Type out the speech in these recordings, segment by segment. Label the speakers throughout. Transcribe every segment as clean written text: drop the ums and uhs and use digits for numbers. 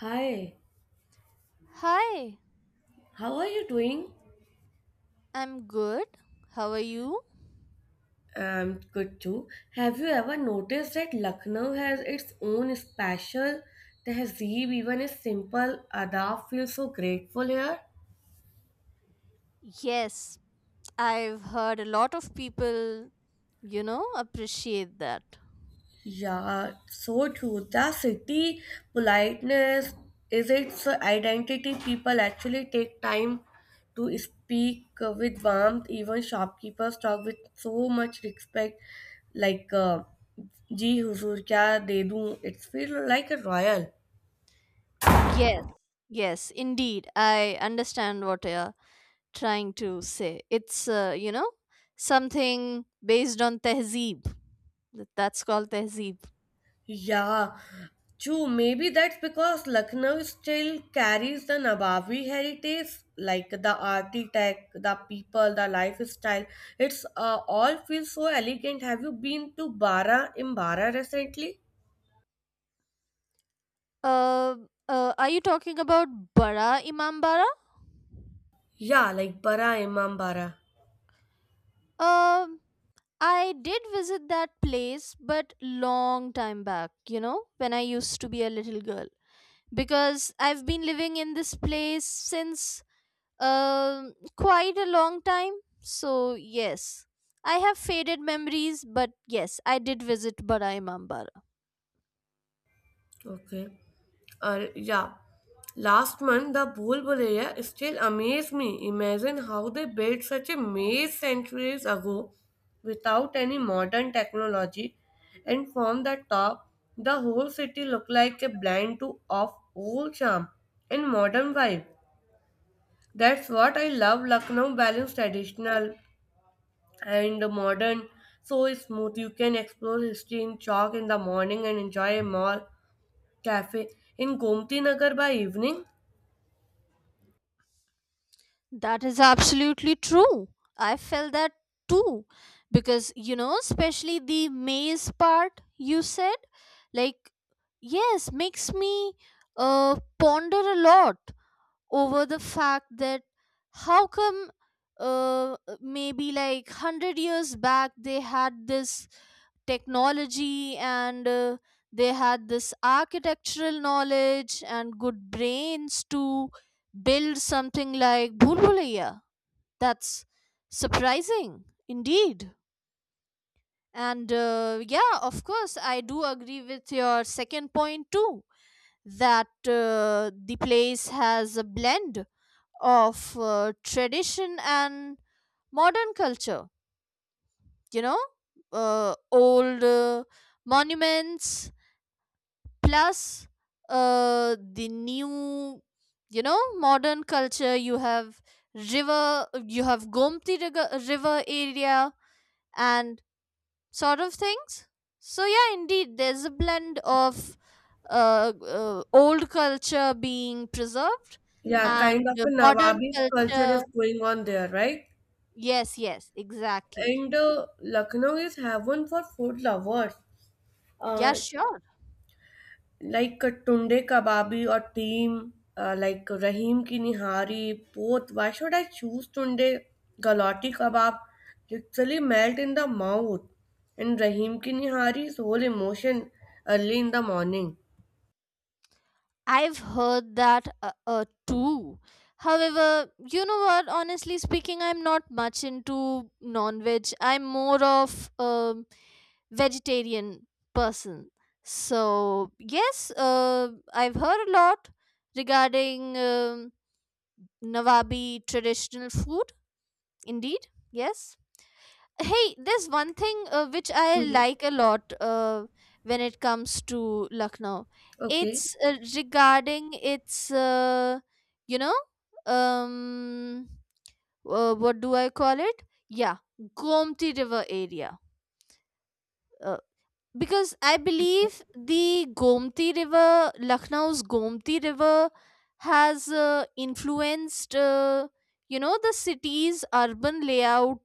Speaker 1: Hi,
Speaker 2: Hi,
Speaker 1: how are you doing?
Speaker 2: I'm good. How are you?
Speaker 1: I'm good too. Have you ever noticed that Lucknow has its own special tehzeeb? Even a simple adab feels so grateful here.
Speaker 2: Yes, I've heard a lot of people, appreciate that.
Speaker 1: Yeah, so true. The city politeness is its identity. People actually take time to speak with warmth. Even shopkeepers talk with so much respect, like "जी हुजूर क्या दे दूँ?" It's feel like a royal.
Speaker 2: Yes, yes, indeed. I understand what you're trying to say. It's, something based on tehzeeb. That's called tehzeeb.
Speaker 1: Yeah, true. Maybe that's because Lucknow still carries the Nawabi heritage, like the architect, the people, the lifestyle. It's all feels so elegant. Have you been to Bara in Bara recently?
Speaker 2: Uh, are you talking about Bara Imam Bara?
Speaker 1: Yeah, like Bara Imam Bara.
Speaker 2: Um, I did visit that place, but long time back, when I used to be a little girl. Because I've been living in this place since quite a long time. So, yes, I have faded memories, but yes, I did visit Badai Mambar.
Speaker 1: Okay. Yeah. Last month, the Bhulbul area still amazed me. Imagine how they built such a maze centuries ago without any modern technology, and from the top, the whole city looked like a blend to of old charm and modern vibe. That's what I love. Lucknow balance traditional and modern so smooth. You can explore history in chalk in the morning and enjoy a mall cafe in Gomti Nagar by evening.
Speaker 2: That is absolutely true. I felt that too. Because, especially the maze part you said, like, yes, makes me ponder a lot over the fact that how come maybe like 100 years back they had this technology and they had this architectural knowledge and good brains to build something like Bhulbulaya. That's surprising indeed. And yeah, of course, I do agree with your second point too that the place has a blend of tradition and modern culture, you know old monuments plus the new, modern culture. You have river, you have river area and sort of things. So yeah, indeed there's a blend of old culture being preserved
Speaker 1: Yeah,
Speaker 2: and
Speaker 1: kind of
Speaker 2: the
Speaker 1: a
Speaker 2: modern
Speaker 1: Nawabi culture is
Speaker 2: culture.
Speaker 1: going on there, right?
Speaker 2: Yes, yes, exactly.
Speaker 1: And Lucknow is heaven for food lovers,
Speaker 2: Yeah,
Speaker 1: uh,
Speaker 2: sure.
Speaker 1: like Tunde Kababi or Team, like Rahim Ki Nihari, both. Why should I choose Tunde? Galati Kabab literally melt in the mouth, and Rahim Ki Nihari's whole emotion early in the morning.
Speaker 2: I've heard that too. However, you know what? Honestly speaking, I'm not much into non veg. I'm more of a vegetarian person. So, yes, I've heard a lot regarding Nawabi traditional food. Indeed, yes. Hey, there's one thing which I
Speaker 1: Mhm.
Speaker 2: like a lot when it comes to Lucknow.
Speaker 1: Okay.
Speaker 2: It's regarding its, you know, um, what do I call it? Yeah, Gomti River area. Uh, because I believe the Gomti River, Lucknow's Gomti River, has influenced, the city's urban layout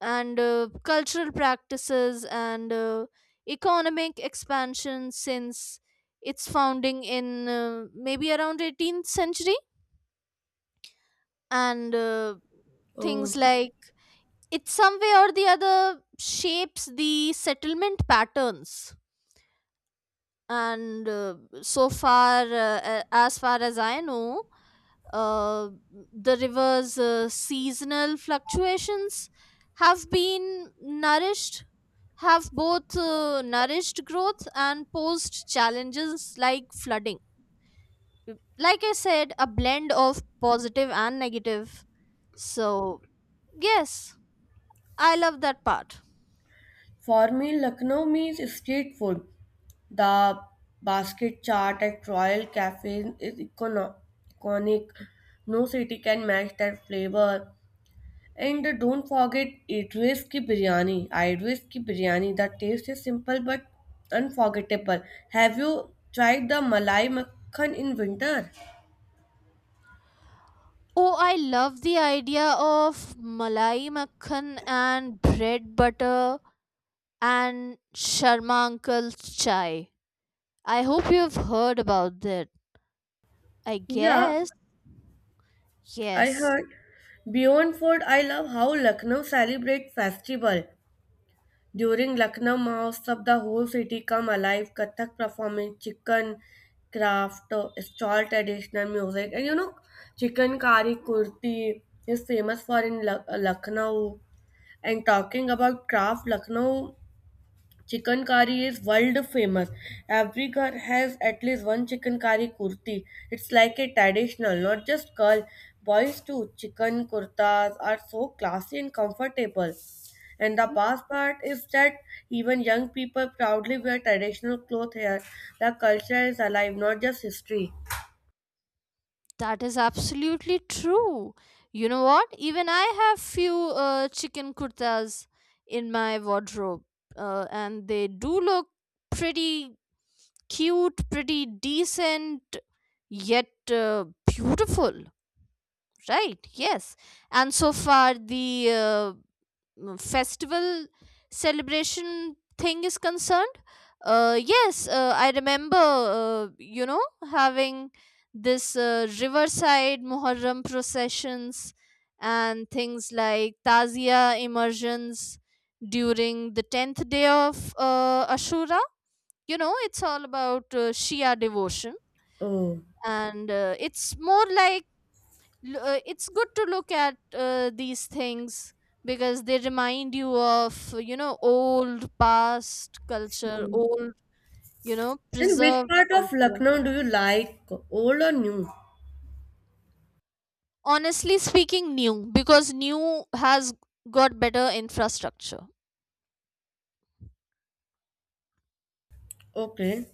Speaker 2: and cultural practices and economic expansion since its founding in maybe around 18th century, and
Speaker 1: Oh,
Speaker 2: things like it some way or the other shapes the settlement patterns, and so far as far as I know, uh, the river's seasonal fluctuations have been nourished have both nourished growth and posed challenges like flooding. Like I said, a blend of positive and negative. So yes, I love that part.
Speaker 1: for me, Lucknow means street food. The basket chart at Royal Cafe is iconic. No city can match that flavor. And don't forget Idris ki biryani. Idris ki biryani. The taste is simple but unforgettable. Have you tried the Malai Makhan in winter?
Speaker 2: Oh, I love the idea of malai makhan and bread butter and Sharma uncle's chai. I hope you've heard about that. I
Speaker 1: Yeah,
Speaker 2: guess.
Speaker 1: I
Speaker 2: Yes,
Speaker 1: heard. Beyond food, I love how Lucknow celebrate festival. During Lucknow Mahotsab, the whole city come alive. Kathak performance, chicken craft, stall traditional music, and you know, chicken kari kurti is famous for in Lucknow. And talking about craft, Lucknow Chicken curry is world famous. Every घर has at least one chicken curry kurti. It's like a traditional, not just girl. Boys too. Chicken kurtas are so classy and comfortable. And the best part is that even young people proudly wear traditional clothes here. The culture is alive, not just history.
Speaker 2: that is absolutely true. You know what? Even I have few chicken kurtas in my wardrobe, and they do look pretty cute, pretty decent, yet beautiful. Right? Yes. And so far, the festival celebration thing is concerned, yes, I remember uh, you know having this riverside muharram processions and things like tazia immersions during the 10th day of ashura. You know, it's all about shia devotion,
Speaker 1: Oh.
Speaker 2: and it's more like it's good to look at these things because they remind you of, you know, old past culture, old, you know,
Speaker 1: And which
Speaker 2: preserved
Speaker 1: part of
Speaker 2: culture.
Speaker 1: Lucknow do you like? Old or new?
Speaker 2: Honestly speaking, new, because new has got better infrastructure.
Speaker 1: Okay.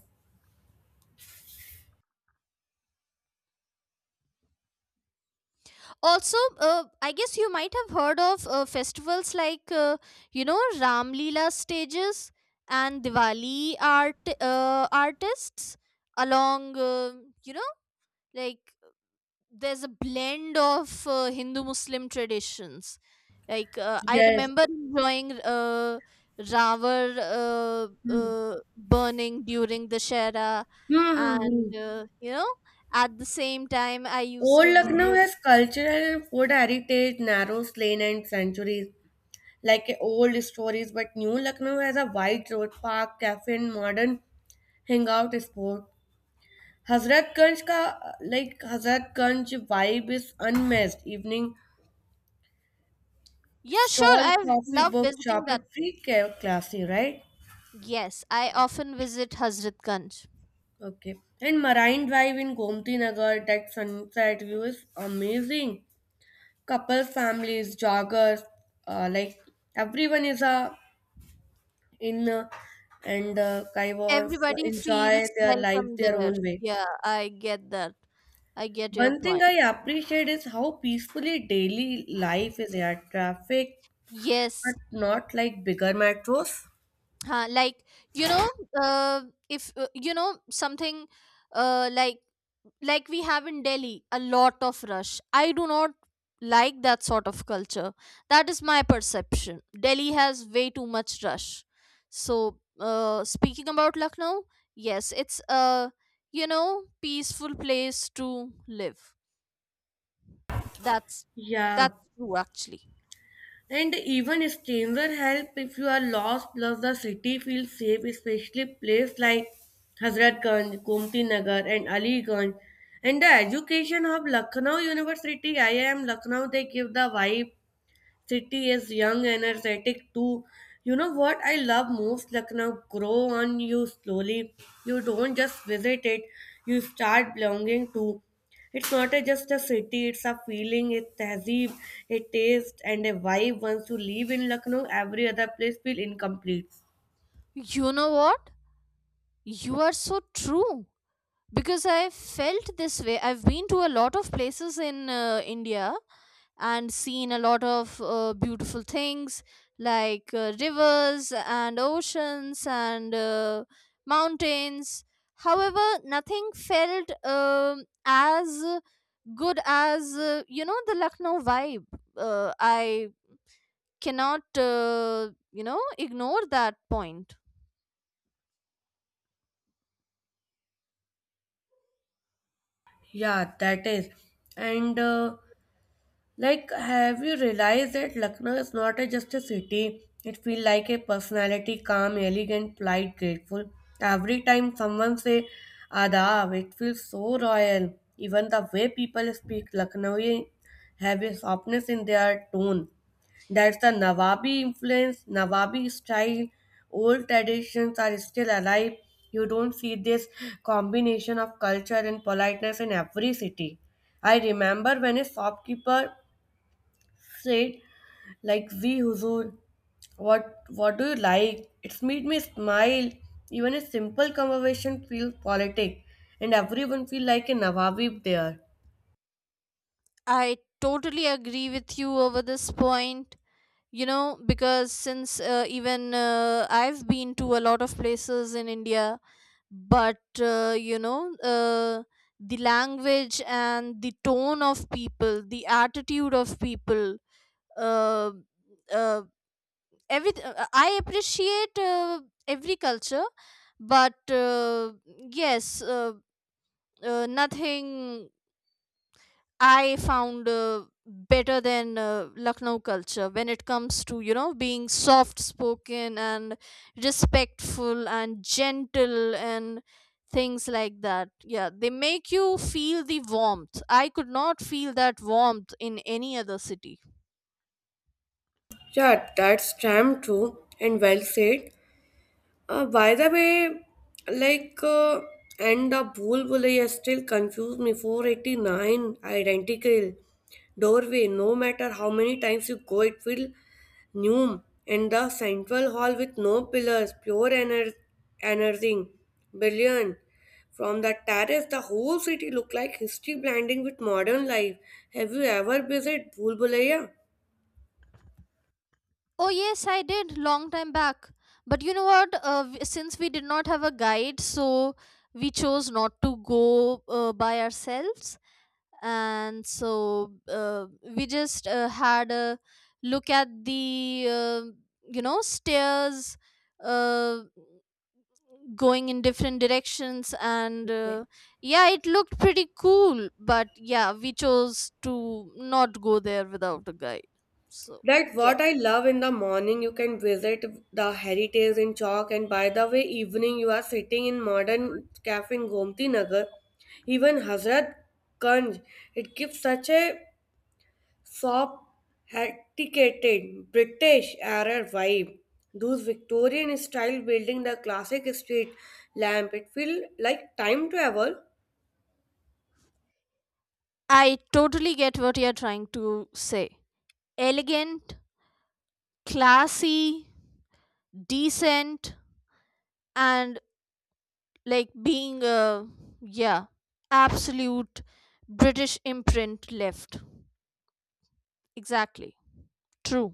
Speaker 2: Also I guess you might have heard of festivals like, ram leela stages and diwali art, artists, along, you know like there's a blend of Hindu Muslim traditions. Like I
Speaker 1: Yes.
Speaker 2: remember enjoying Ravar
Speaker 1: Hmm.
Speaker 2: burning during the Shera,
Speaker 1: Hmm, hmm, hmm.
Speaker 2: and you know, at the same time, I used
Speaker 1: Old
Speaker 2: to
Speaker 1: Lucknow
Speaker 2: visit.
Speaker 1: has cultural and food heritage, narrow lane and centuries, like old stories, but New Lucknow has a wide road, park, cafe, and modern hangout spot. Hazratganj ka like Hazratganj vibe is unmatched. Evening
Speaker 2: Yeah, sure,
Speaker 1: stall,
Speaker 2: I
Speaker 1: coffee,
Speaker 2: love
Speaker 1: book
Speaker 2: visiting
Speaker 1: shop,
Speaker 2: that
Speaker 1: it's
Speaker 2: place.
Speaker 1: classy, right?
Speaker 2: Yes, I often visit Hazrat Ganj.
Speaker 1: Okay. And Marine Drive in Gomti Nagar, that sunset view is amazing. Couples, families, joggers, like everyone is a in and kind of
Speaker 2: Everybody
Speaker 1: enjoy
Speaker 2: feels
Speaker 1: their life
Speaker 2: welcome
Speaker 1: their
Speaker 2: there.
Speaker 1: own way.
Speaker 2: Yeah, I get that. I get your
Speaker 1: One thing
Speaker 2: point.
Speaker 1: I appreciate is how peacefully daily life is here. Traffic, but
Speaker 2: Yes,
Speaker 1: not like bigger metros.
Speaker 2: uh, like you know uh, if, something, uh, like like we have in Delhi a lot of rush. I do not like that sort of culture. That is my perception. Delhi has way too much rush. So speaking about Lucknow, yes, it's a, you know, peaceful place to live. that's
Speaker 1: Yeah,
Speaker 2: that's true actually.
Speaker 1: and even stranger help if you are lost. Plus, the city feels safe, especially place like Hazratganj, Gomti Nagar, and Aligarh. And the education hub Lucknow University, IIM Lucknow, they give the vibe city is young, energetic too. You know what I love most? Lucknow grow on you slowly. You don't just visit it, you start belonging to. It's not a, just a city, it's a feeling, a tehzeeb, a taste and a vibe. Once you live in Lucknow, every other place feel incomplete.
Speaker 2: You know what? You are so true. Because I felt this way. I've been to a lot of places in India and seen a lot of beautiful things like rivers and oceans and mountains. However, nothing felt as good as, the Lucknow vibe. I cannot, ignore that point.
Speaker 1: Yeah, that is. And Like, have you realized that Lucknow is not a, just a city? It feels like a personality, calm, elegant, polite, grateful. Every time someone say Adab, it feels so royal. Even the way people speak Lucknowi have a softness in their tone. That's the Nawabi influence, Nawabi style. Old traditions are still alive. You don't see this combination of culture and politeness in every city. I remember when a shopkeeper said, like, we huzur, what what do you like? It's made me smile. Even a simple conversation feels politic, and everyone feel like a nawabib there.
Speaker 2: I totally agree with you over this point. You know, because since even I've been to a lot of places in India, but, the language and the tone of people, the attitude of people, uh, uh, every I appreciate every culture, but yes uh, nothing I found better than Lucknow culture when it comes to, you know, being soft spoken and respectful and gentle and things like that. Yeah, they make you feel the warmth. I could not feel that warmth in any other city.
Speaker 1: Yeah, that's damn true and well said. By the way, like, uh, and the Bhool Bhulaiya still confused me. 489, identical doorway. No matter how many times you go, it will new. And the central hall with no pillars, pure energy, brilliant. From the terrace, the whole city looked like history blending with modern life. Have you ever visited Bhool Bhulaiya?
Speaker 2: Oh yes, I did long time back. But you know what? Since we did not have a guide, so we chose not to go by ourselves. And so we just had a look at the, stairs uh, going in different directions, and yeah, it looked pretty cool, but yeah, we chose to not go there without a guide. So
Speaker 1: That
Speaker 2: yeah,
Speaker 1: what I love in the morning, you can visit the heritage in chalk, and by the way, evening you are sitting in modern cafe in Gomti Nagar, even Hazrat Ganj. It gives such a sophisticated British era vibe. Those Victorian style building, the classic street lamp, it feels like time travel.
Speaker 2: I totally get what you're trying to say. Elegant, classy, decent, and like being a, yeah, absolute british imprint left. Exactly true.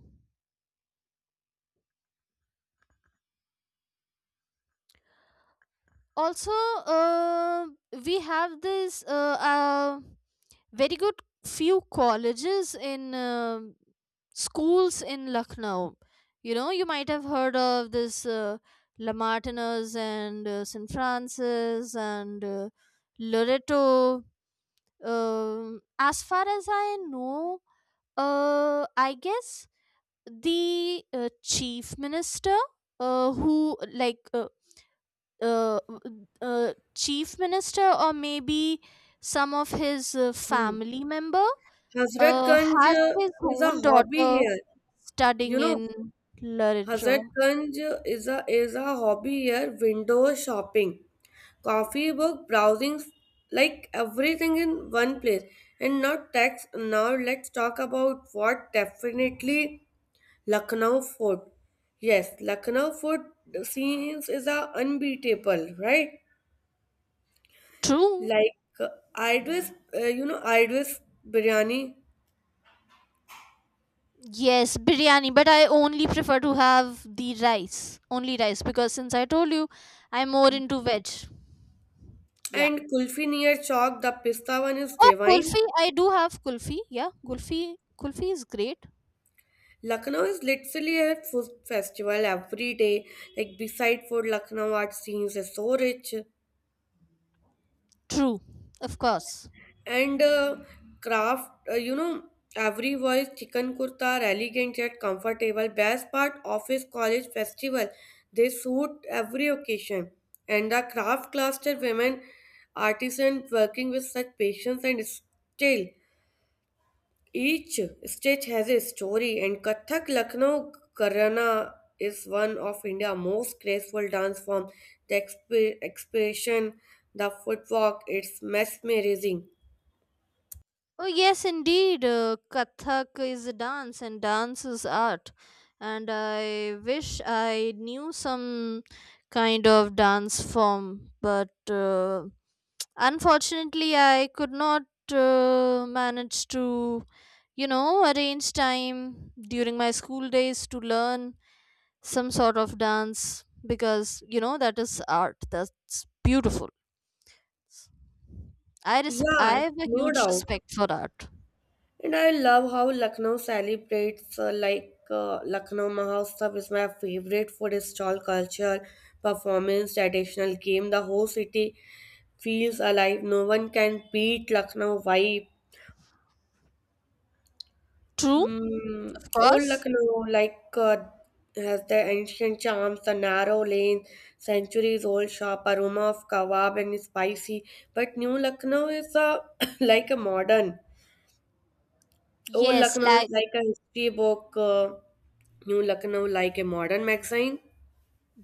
Speaker 2: Also uh, we have this very good few colleges in schools in Lucknow. You know, you might have heard of this la Martina's and st francis and loreto. As far as I know, I guess the chief minister, who like uh, chief minister, or maybe some of his
Speaker 1: Hmm.
Speaker 2: family member,
Speaker 1: Hazrat Ganj
Speaker 2: has
Speaker 1: uh,
Speaker 2: his
Speaker 1: is a
Speaker 2: own
Speaker 1: hobby
Speaker 2: daughter
Speaker 1: here. You
Speaker 2: studying
Speaker 1: know,
Speaker 2: in literature.
Speaker 1: Hazratganj is a hobby here, window shopping, coffee book browsing, like everything in one place. And not tax now let's talk about what definitely Lucknow food. Yes, Lucknow food scenes is a unbeatable, right?
Speaker 2: True.
Speaker 1: Like uh, Idris, you know, Idris biryani
Speaker 2: Yes, biryani, but I only prefer to have the rice, only rice, because since I told you, I'm more into veg. Yeah.
Speaker 1: and kulfi near Chowk. The pista one is
Speaker 2: Oh,
Speaker 1: divine.
Speaker 2: kulfi, I do have kulfi. Yeah, kulfi, kulfi is great.
Speaker 1: Lucknow is literally a food festival every day. Like beside food, Lucknow art scenes is so rich
Speaker 2: True, of course.
Speaker 1: and craft. You know, every voice chicken kurta are elegant yet comfortable. Best part office, college, festival. They suit every occasion. And the craft cluster women artisan working with such patience and skill. Each stitch has a story, and Kathak Lucknow Gharana is one of India's most graceful dance forms. The expression, the footwork, it's mesmerizing.
Speaker 2: Oh yes, indeed. Kathak is a dance, and dance is art. And I wish I knew some kind of dance form, but unfortunately, I could not manage to, you know, arrange time during my school days to learn some sort of dance because, you know, that is art. That's beautiful. I
Speaker 1: Yeah,
Speaker 2: have a
Speaker 1: no
Speaker 2: huge
Speaker 1: doubt.
Speaker 2: respect for art.
Speaker 1: And I love how Lucknow celebrates like Lucknow Mahotsav is my favorite food stall culture, performance, traditional game. The whole city feels alive. No one can beat Lucknow vibe.
Speaker 2: True, of
Speaker 1: Old
Speaker 2: course.
Speaker 1: Lucknow, has the ancient charms, the narrow lanes, centuries-old shop, aroma of kebab and spicy. But new Lucknow is a like a modern. Old
Speaker 2: Yes,
Speaker 1: Lucknow is
Speaker 2: like
Speaker 1: like a history book. New Lucknow like a modern magazine.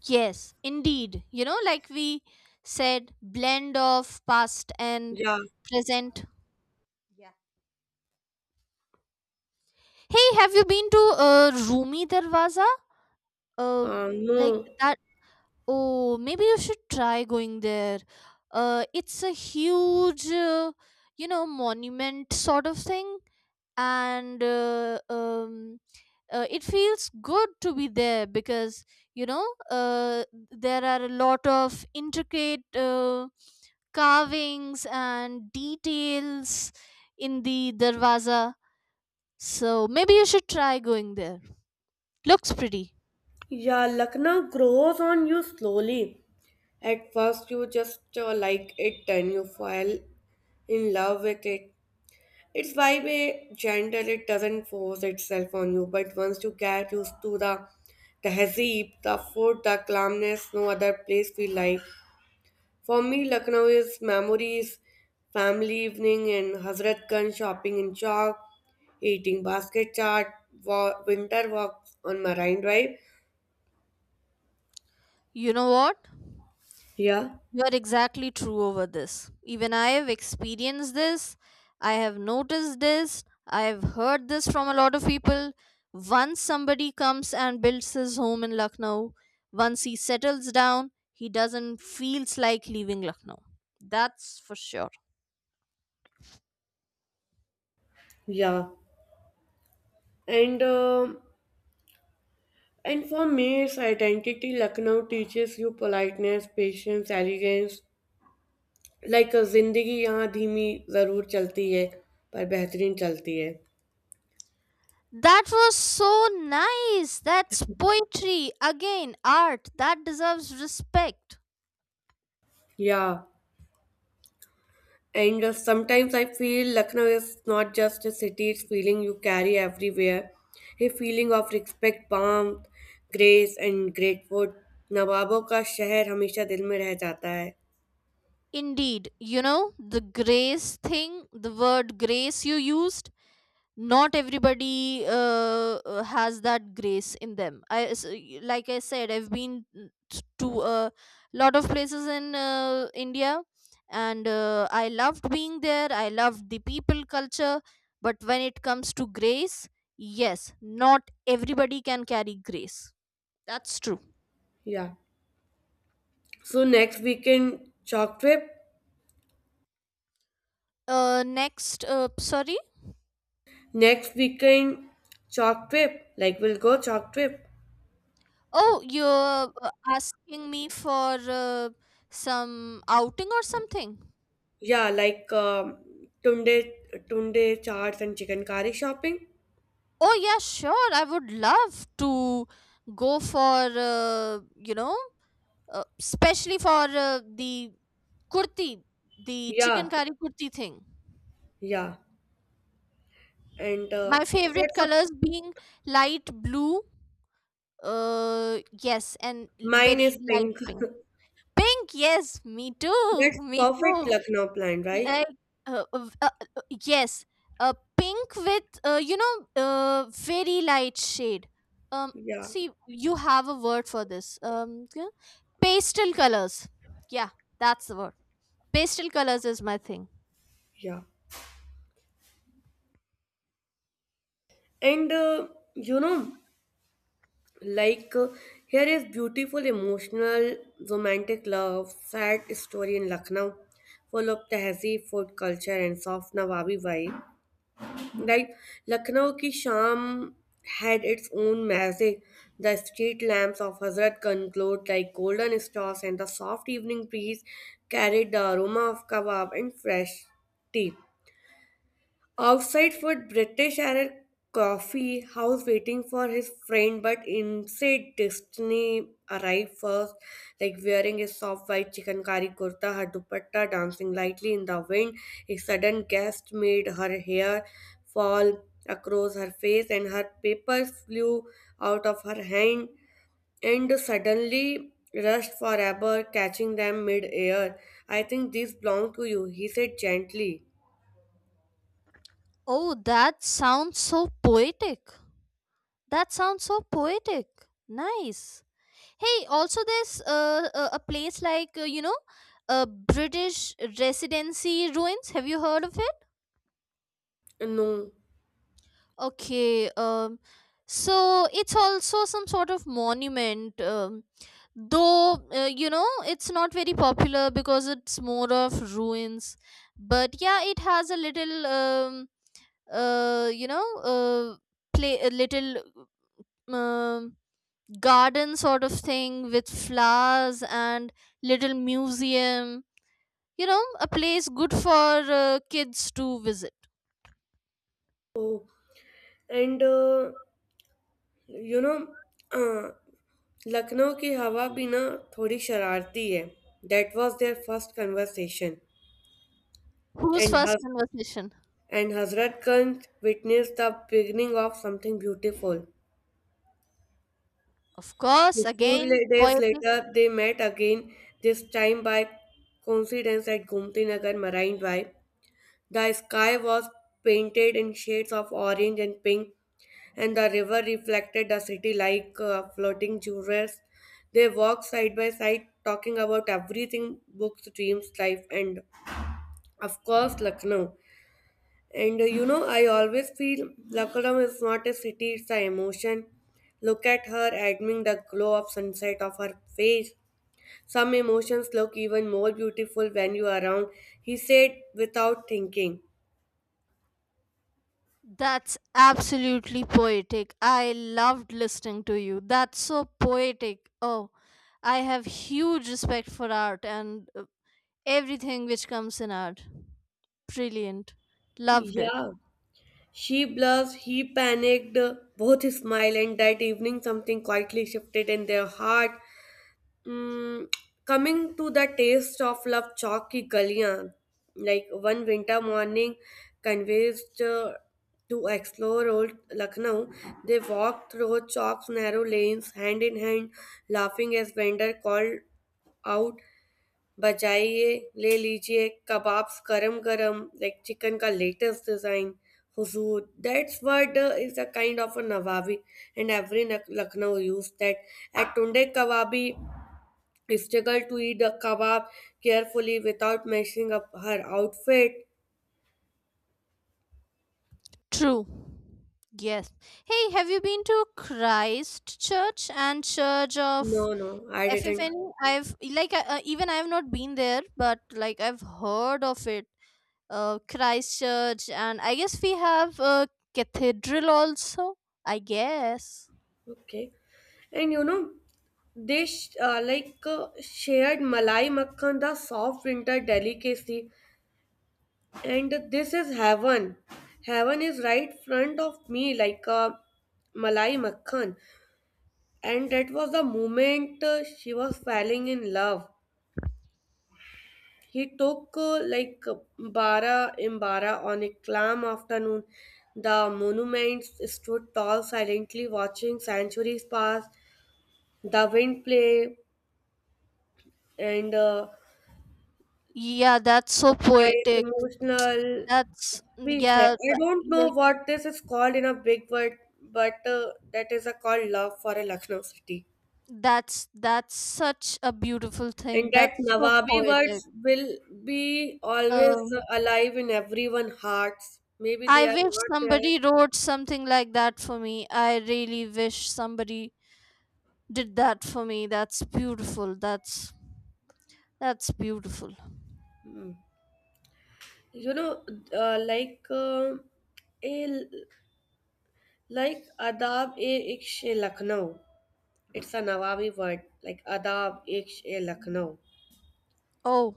Speaker 2: yes, indeed. You know, like we said, blend of past and
Speaker 1: Yeah.
Speaker 2: present. Yeah. Hey, have you been to Rumi Darwaza? uh like
Speaker 1: No.
Speaker 2: that. Oh, maybe you should try going there. It's a huge, monument sort of thing, and it feels good to be there because, you know uh, there are a lot of intricate carvings and details in the darwaza. So maybe you should try going there. Looks pretty.
Speaker 1: Yeah, Lucknow grows on you slowly. At first, you just like it, and you fall in love with it. It's vibe a gentle, it doesn't force itself on you, but once you get used to the tehzeeb, the food, the calmness, no other place feel like. For me, Lucknow is memories, family evening in Hazrat Ganj, shopping in Chowk, eating basket chaat, winter walks on Marine Drive.
Speaker 2: You know what?
Speaker 1: Yeah,
Speaker 2: You are exactly true over this. Even I have experienced this. I have noticed this. I have heard this from a lot of people. Once somebody comes and builds his home in Lucknow, once he settles down, he doesn't feels like leaving Lucknow. That's for sure.
Speaker 1: yeah. And um and for me, its identity, Lucknow teaches you politeness, patience, elegance, like ज़िंदगी यहाँ धीमी ज़रूर चलती है पर बेहतरीन चलती है.
Speaker 2: That was so nice. That's poetry. Again, art. That deserves respect.
Speaker 1: Yeah, and sometimes I feel Lucknow is not just a city it's feeling you carry everywhere, a feeling of respect warm grace and grateful. नवाबों का शहर हमेशा दिल में रह जाता है.
Speaker 2: Indeed, you know, the grace thing, the word grace you used, not everybody has that grace in them. Like I said, I've been to a lot of places in India, and I loved being there, I loved the people culture, but when it comes to grace, yes, not everybody can carry grace. That's true.
Speaker 1: Yeah, so next weekend, chalk trip.
Speaker 2: Next Sorry.
Speaker 1: Next weekend, chalk trip. Like, we'll go chalk trip.
Speaker 2: Oh, you're asking me for some outing or something.
Speaker 1: Yeah, like um, tunde tunde charts and chicken curry shopping.
Speaker 2: Oh yeah, sure. I would love to go for, especially for the kurti, the chicken
Speaker 1: Yeah,
Speaker 2: curry kurti thing.
Speaker 1: yeah, and
Speaker 2: My favorite
Speaker 1: that's a
Speaker 2: colors being light blue, yes, and
Speaker 1: mine
Speaker 2: very
Speaker 1: is
Speaker 2: light
Speaker 1: pink.
Speaker 2: pink. Pink, yes, me too,
Speaker 1: That's
Speaker 2: me
Speaker 1: perfect
Speaker 2: too.
Speaker 1: Lucknow plan, right?
Speaker 2: like uh, uh, uh, yes, pink with, very light shade. um
Speaker 1: Yeah,
Speaker 2: See, you have a word for this. Yeah? Pastel colors. Yeah, that's the word. Pastel colors is my thing.
Speaker 1: yeah, and you know, like here is beautiful, emotional, romantic love, sad story in Lucknow, full of tehzeeb, food culture, and soft Nawabi vibe. Right, Lucknow की had its own magic. The street lamps of Hazrat Hazrat कंक्लोड like golden stars and the soft evening breeze carried the aroma of kebab and fresh tea. Outside for British at a coffee house waiting for his friend, but inside Destiny arrived first, like wearing a soft white chikankari kurta, her dupatta dancing lightly in the wind. A sudden gust made her hair fall across her face, and her papers flew out of her hand and suddenly rushed forever, catching them mid-air. I think these belong to you, he said gently.
Speaker 2: Oh, that sounds so poetic. That sounds so poetic. Nice. Hey, also there's a place like, british residency ruins. Have you heard of it?
Speaker 1: No.
Speaker 2: Okay, so it's also some sort of monument, though, it's not very popular because it's more of ruins. But yeah, it has a little, uh, you know, uh, play a little, um, garden sort of thing with flowers and little museum. You know, a place good for kids to visit.
Speaker 1: Oh, and you know Lucknow की हवा भी ना थोड़ी शरारती है. That was their first conversation,
Speaker 2: Who's
Speaker 1: and
Speaker 2: first conversation?
Speaker 1: Hazratganj witness the beginning of something beautiful.
Speaker 2: Of course, again,
Speaker 1: Days
Speaker 2: poetic.
Speaker 1: later, they met again, this time by coincidence at Gomti Nagar Marine Drive. The sky was painted in shades of orange and pink, and the river reflected the city like floating jewels. They walked side by side, talking about everything books, dreams, life, and of course, Lucknow. And you know, I always feel Lucknow is not a city, it's an emotion. Look at her, admiring the glow of sunset of her face. Some emotions look even more beautiful when you are around, he said without thinking.
Speaker 2: That's absolutely poetic. I loved listening to you. That's so poetic. Oh, I have huge respect for art and everything which comes in art. Brilliant. Loved it.
Speaker 1: Yeah. She blushed, he panicked, both smiled, and that evening something quietly shifted in their heart. Mm, coming to the taste of love, Chowk ki Galiyan, like one winter morning, convinced to explore old Lucknow, they walked through Chowk's narrow lanes, hand in hand, laughing as vendor called out, बजाइए ले लीजिए kebabs गरम गरम. Like chicken का latest design, हुजूर. That's word is a a of of a nawabi, and every lucknow used that at tunde kababi, struggle to eat the kebab carefully without messing up her outfit.
Speaker 2: True. Yes. Hey, have you been to Christ Church and Church
Speaker 1: No,
Speaker 2: of
Speaker 1: no, I didn't.
Speaker 2: FFN? I've like even I have not been there, but like I've heard of it. Christchurch, and I guess we have a cathedral also. I guess.
Speaker 1: Okay. And you know, they sh- like shared malai makhan, the soft winter delicacy, and this is heaven. Heaven is right front of me like a Malai Makhan. And that was the moment she was falling in love. He took like Bara Imbara on a calm afternoon. The monuments stood tall, silently watching centuries pass, the wind play, and
Speaker 2: Yeah, that's so
Speaker 1: surprise,
Speaker 2: poetic.
Speaker 1: emotional
Speaker 2: That's
Speaker 1: Vijay,
Speaker 2: yeah,
Speaker 1: I don't
Speaker 2: th-
Speaker 1: know
Speaker 2: like
Speaker 1: what this is called in a big word, but that is a called love for a Lucknow city.
Speaker 2: that's such a beautiful
Speaker 1: And
Speaker 2: thing.
Speaker 1: that
Speaker 2: That's so
Speaker 1: Nawabi
Speaker 2: poetic.
Speaker 1: words will be always
Speaker 2: Um,
Speaker 1: alive in everyone's hearts. Maybe they
Speaker 2: I
Speaker 1: are
Speaker 2: wish
Speaker 1: not there.
Speaker 2: somebody wrote something like that for me. I really wish somebody did that for me. That's beautiful. That's beautiful.
Speaker 1: Hmm. You know, uh, like uh, a adab e iksh e Lucknow. It's a Nawabi word, like adab iksh e Lucknow.
Speaker 2: Oh,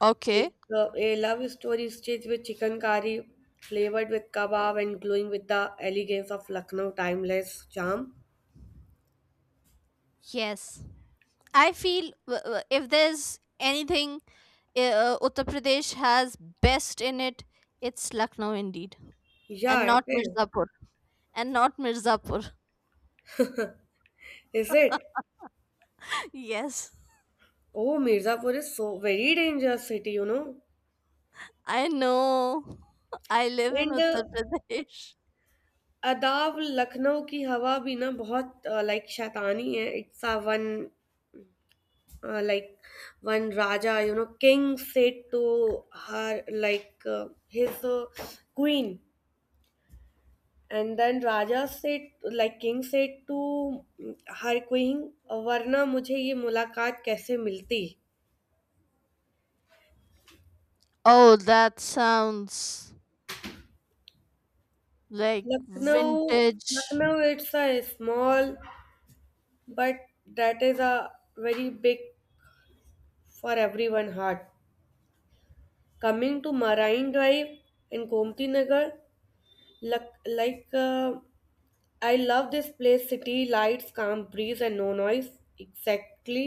Speaker 2: okay.
Speaker 1: A love story staged with chicken curry, flavored with kebab, and glowing with the elegance of Lucknow timeless charm.
Speaker 2: Yes. I feel if there's anything Uttar Pradesh has best in it, it's Lucknow indeed,
Speaker 1: Yeah,
Speaker 2: and
Speaker 1: it
Speaker 2: not
Speaker 1: is.
Speaker 2: Mirzapur, and not Mirzapur.
Speaker 1: Is it?
Speaker 2: Yes,
Speaker 1: Oh, Mirzapur is so very dangerous city, you know.
Speaker 2: I know. I live in
Speaker 1: And
Speaker 2: Uttar Pradesh.
Speaker 1: अदाब लखनऊ की हवा भी ना बहुत like शैतानी है. It's a one like one raja you know king said to her like his queen. And then raja said like king said to her queen, वरना मुझे ये मुलाकात कैसे मिलती.
Speaker 2: Oh, that sounds like
Speaker 1: Lucknow
Speaker 2: vintage.
Speaker 1: Lucknow it's a small but that is a very big for every one heart. Coming to Marine Drive in Gomti Nagar like I love this place city lights calm breeze and no noise exactly,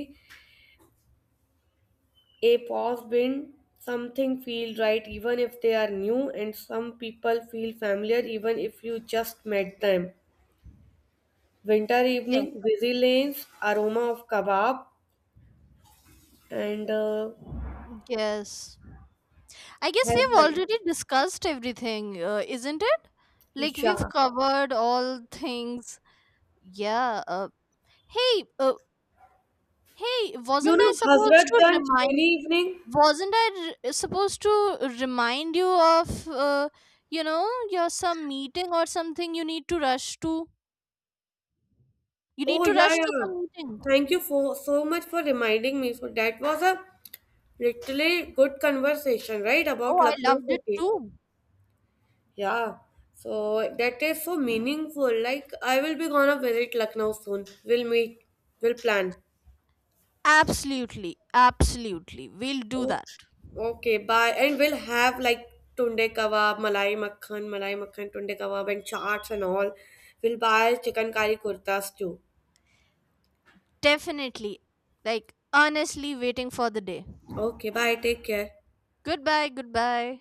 Speaker 1: a pause when something feel right even if they are new and some people feel familiar even if you just met them. Winter evening
Speaker 2: Yes,
Speaker 1: busy lanes aroma of kebab, and
Speaker 2: yes. I guess we've
Speaker 1: heaven
Speaker 2: already discussed everything, isn't it? Like
Speaker 1: isha,
Speaker 2: we've covered all things. Yeah. Hey, uh, Hey,
Speaker 1: you
Speaker 2: wasn't I
Speaker 1: know,
Speaker 2: supposed to
Speaker 1: hazratganj
Speaker 2: remind?
Speaker 1: rainy evening.
Speaker 2: Wasn't supposed to remind you of, your some meeting or something you need to rush to? You need
Speaker 1: Oh,
Speaker 2: to
Speaker 1: yeah,
Speaker 2: rush to
Speaker 1: yeah,
Speaker 2: some meeting.
Speaker 1: thank you for so much for reminding me. So that was a literally good conversation, right, about
Speaker 2: Oh, I
Speaker 1: lucknow
Speaker 2: loved it
Speaker 1: city.
Speaker 2: too.
Speaker 1: Yeah, so that is so meaningful. Like, I will be gonna visit Lucknow soon. We'll meet, we'll plan.
Speaker 2: Absolutely, absolutely. We'll do
Speaker 1: Oh.
Speaker 2: that.
Speaker 1: Okay, bye. And we'll have like tunde kebab, malai makhan, tunde kebab, and chaats and all. We'll buy chicken curry kurtas too.
Speaker 2: Definitely. Like, honestly, waiting for the day.
Speaker 1: Okay, bye. Take care.
Speaker 2: Goodbye, goodbye.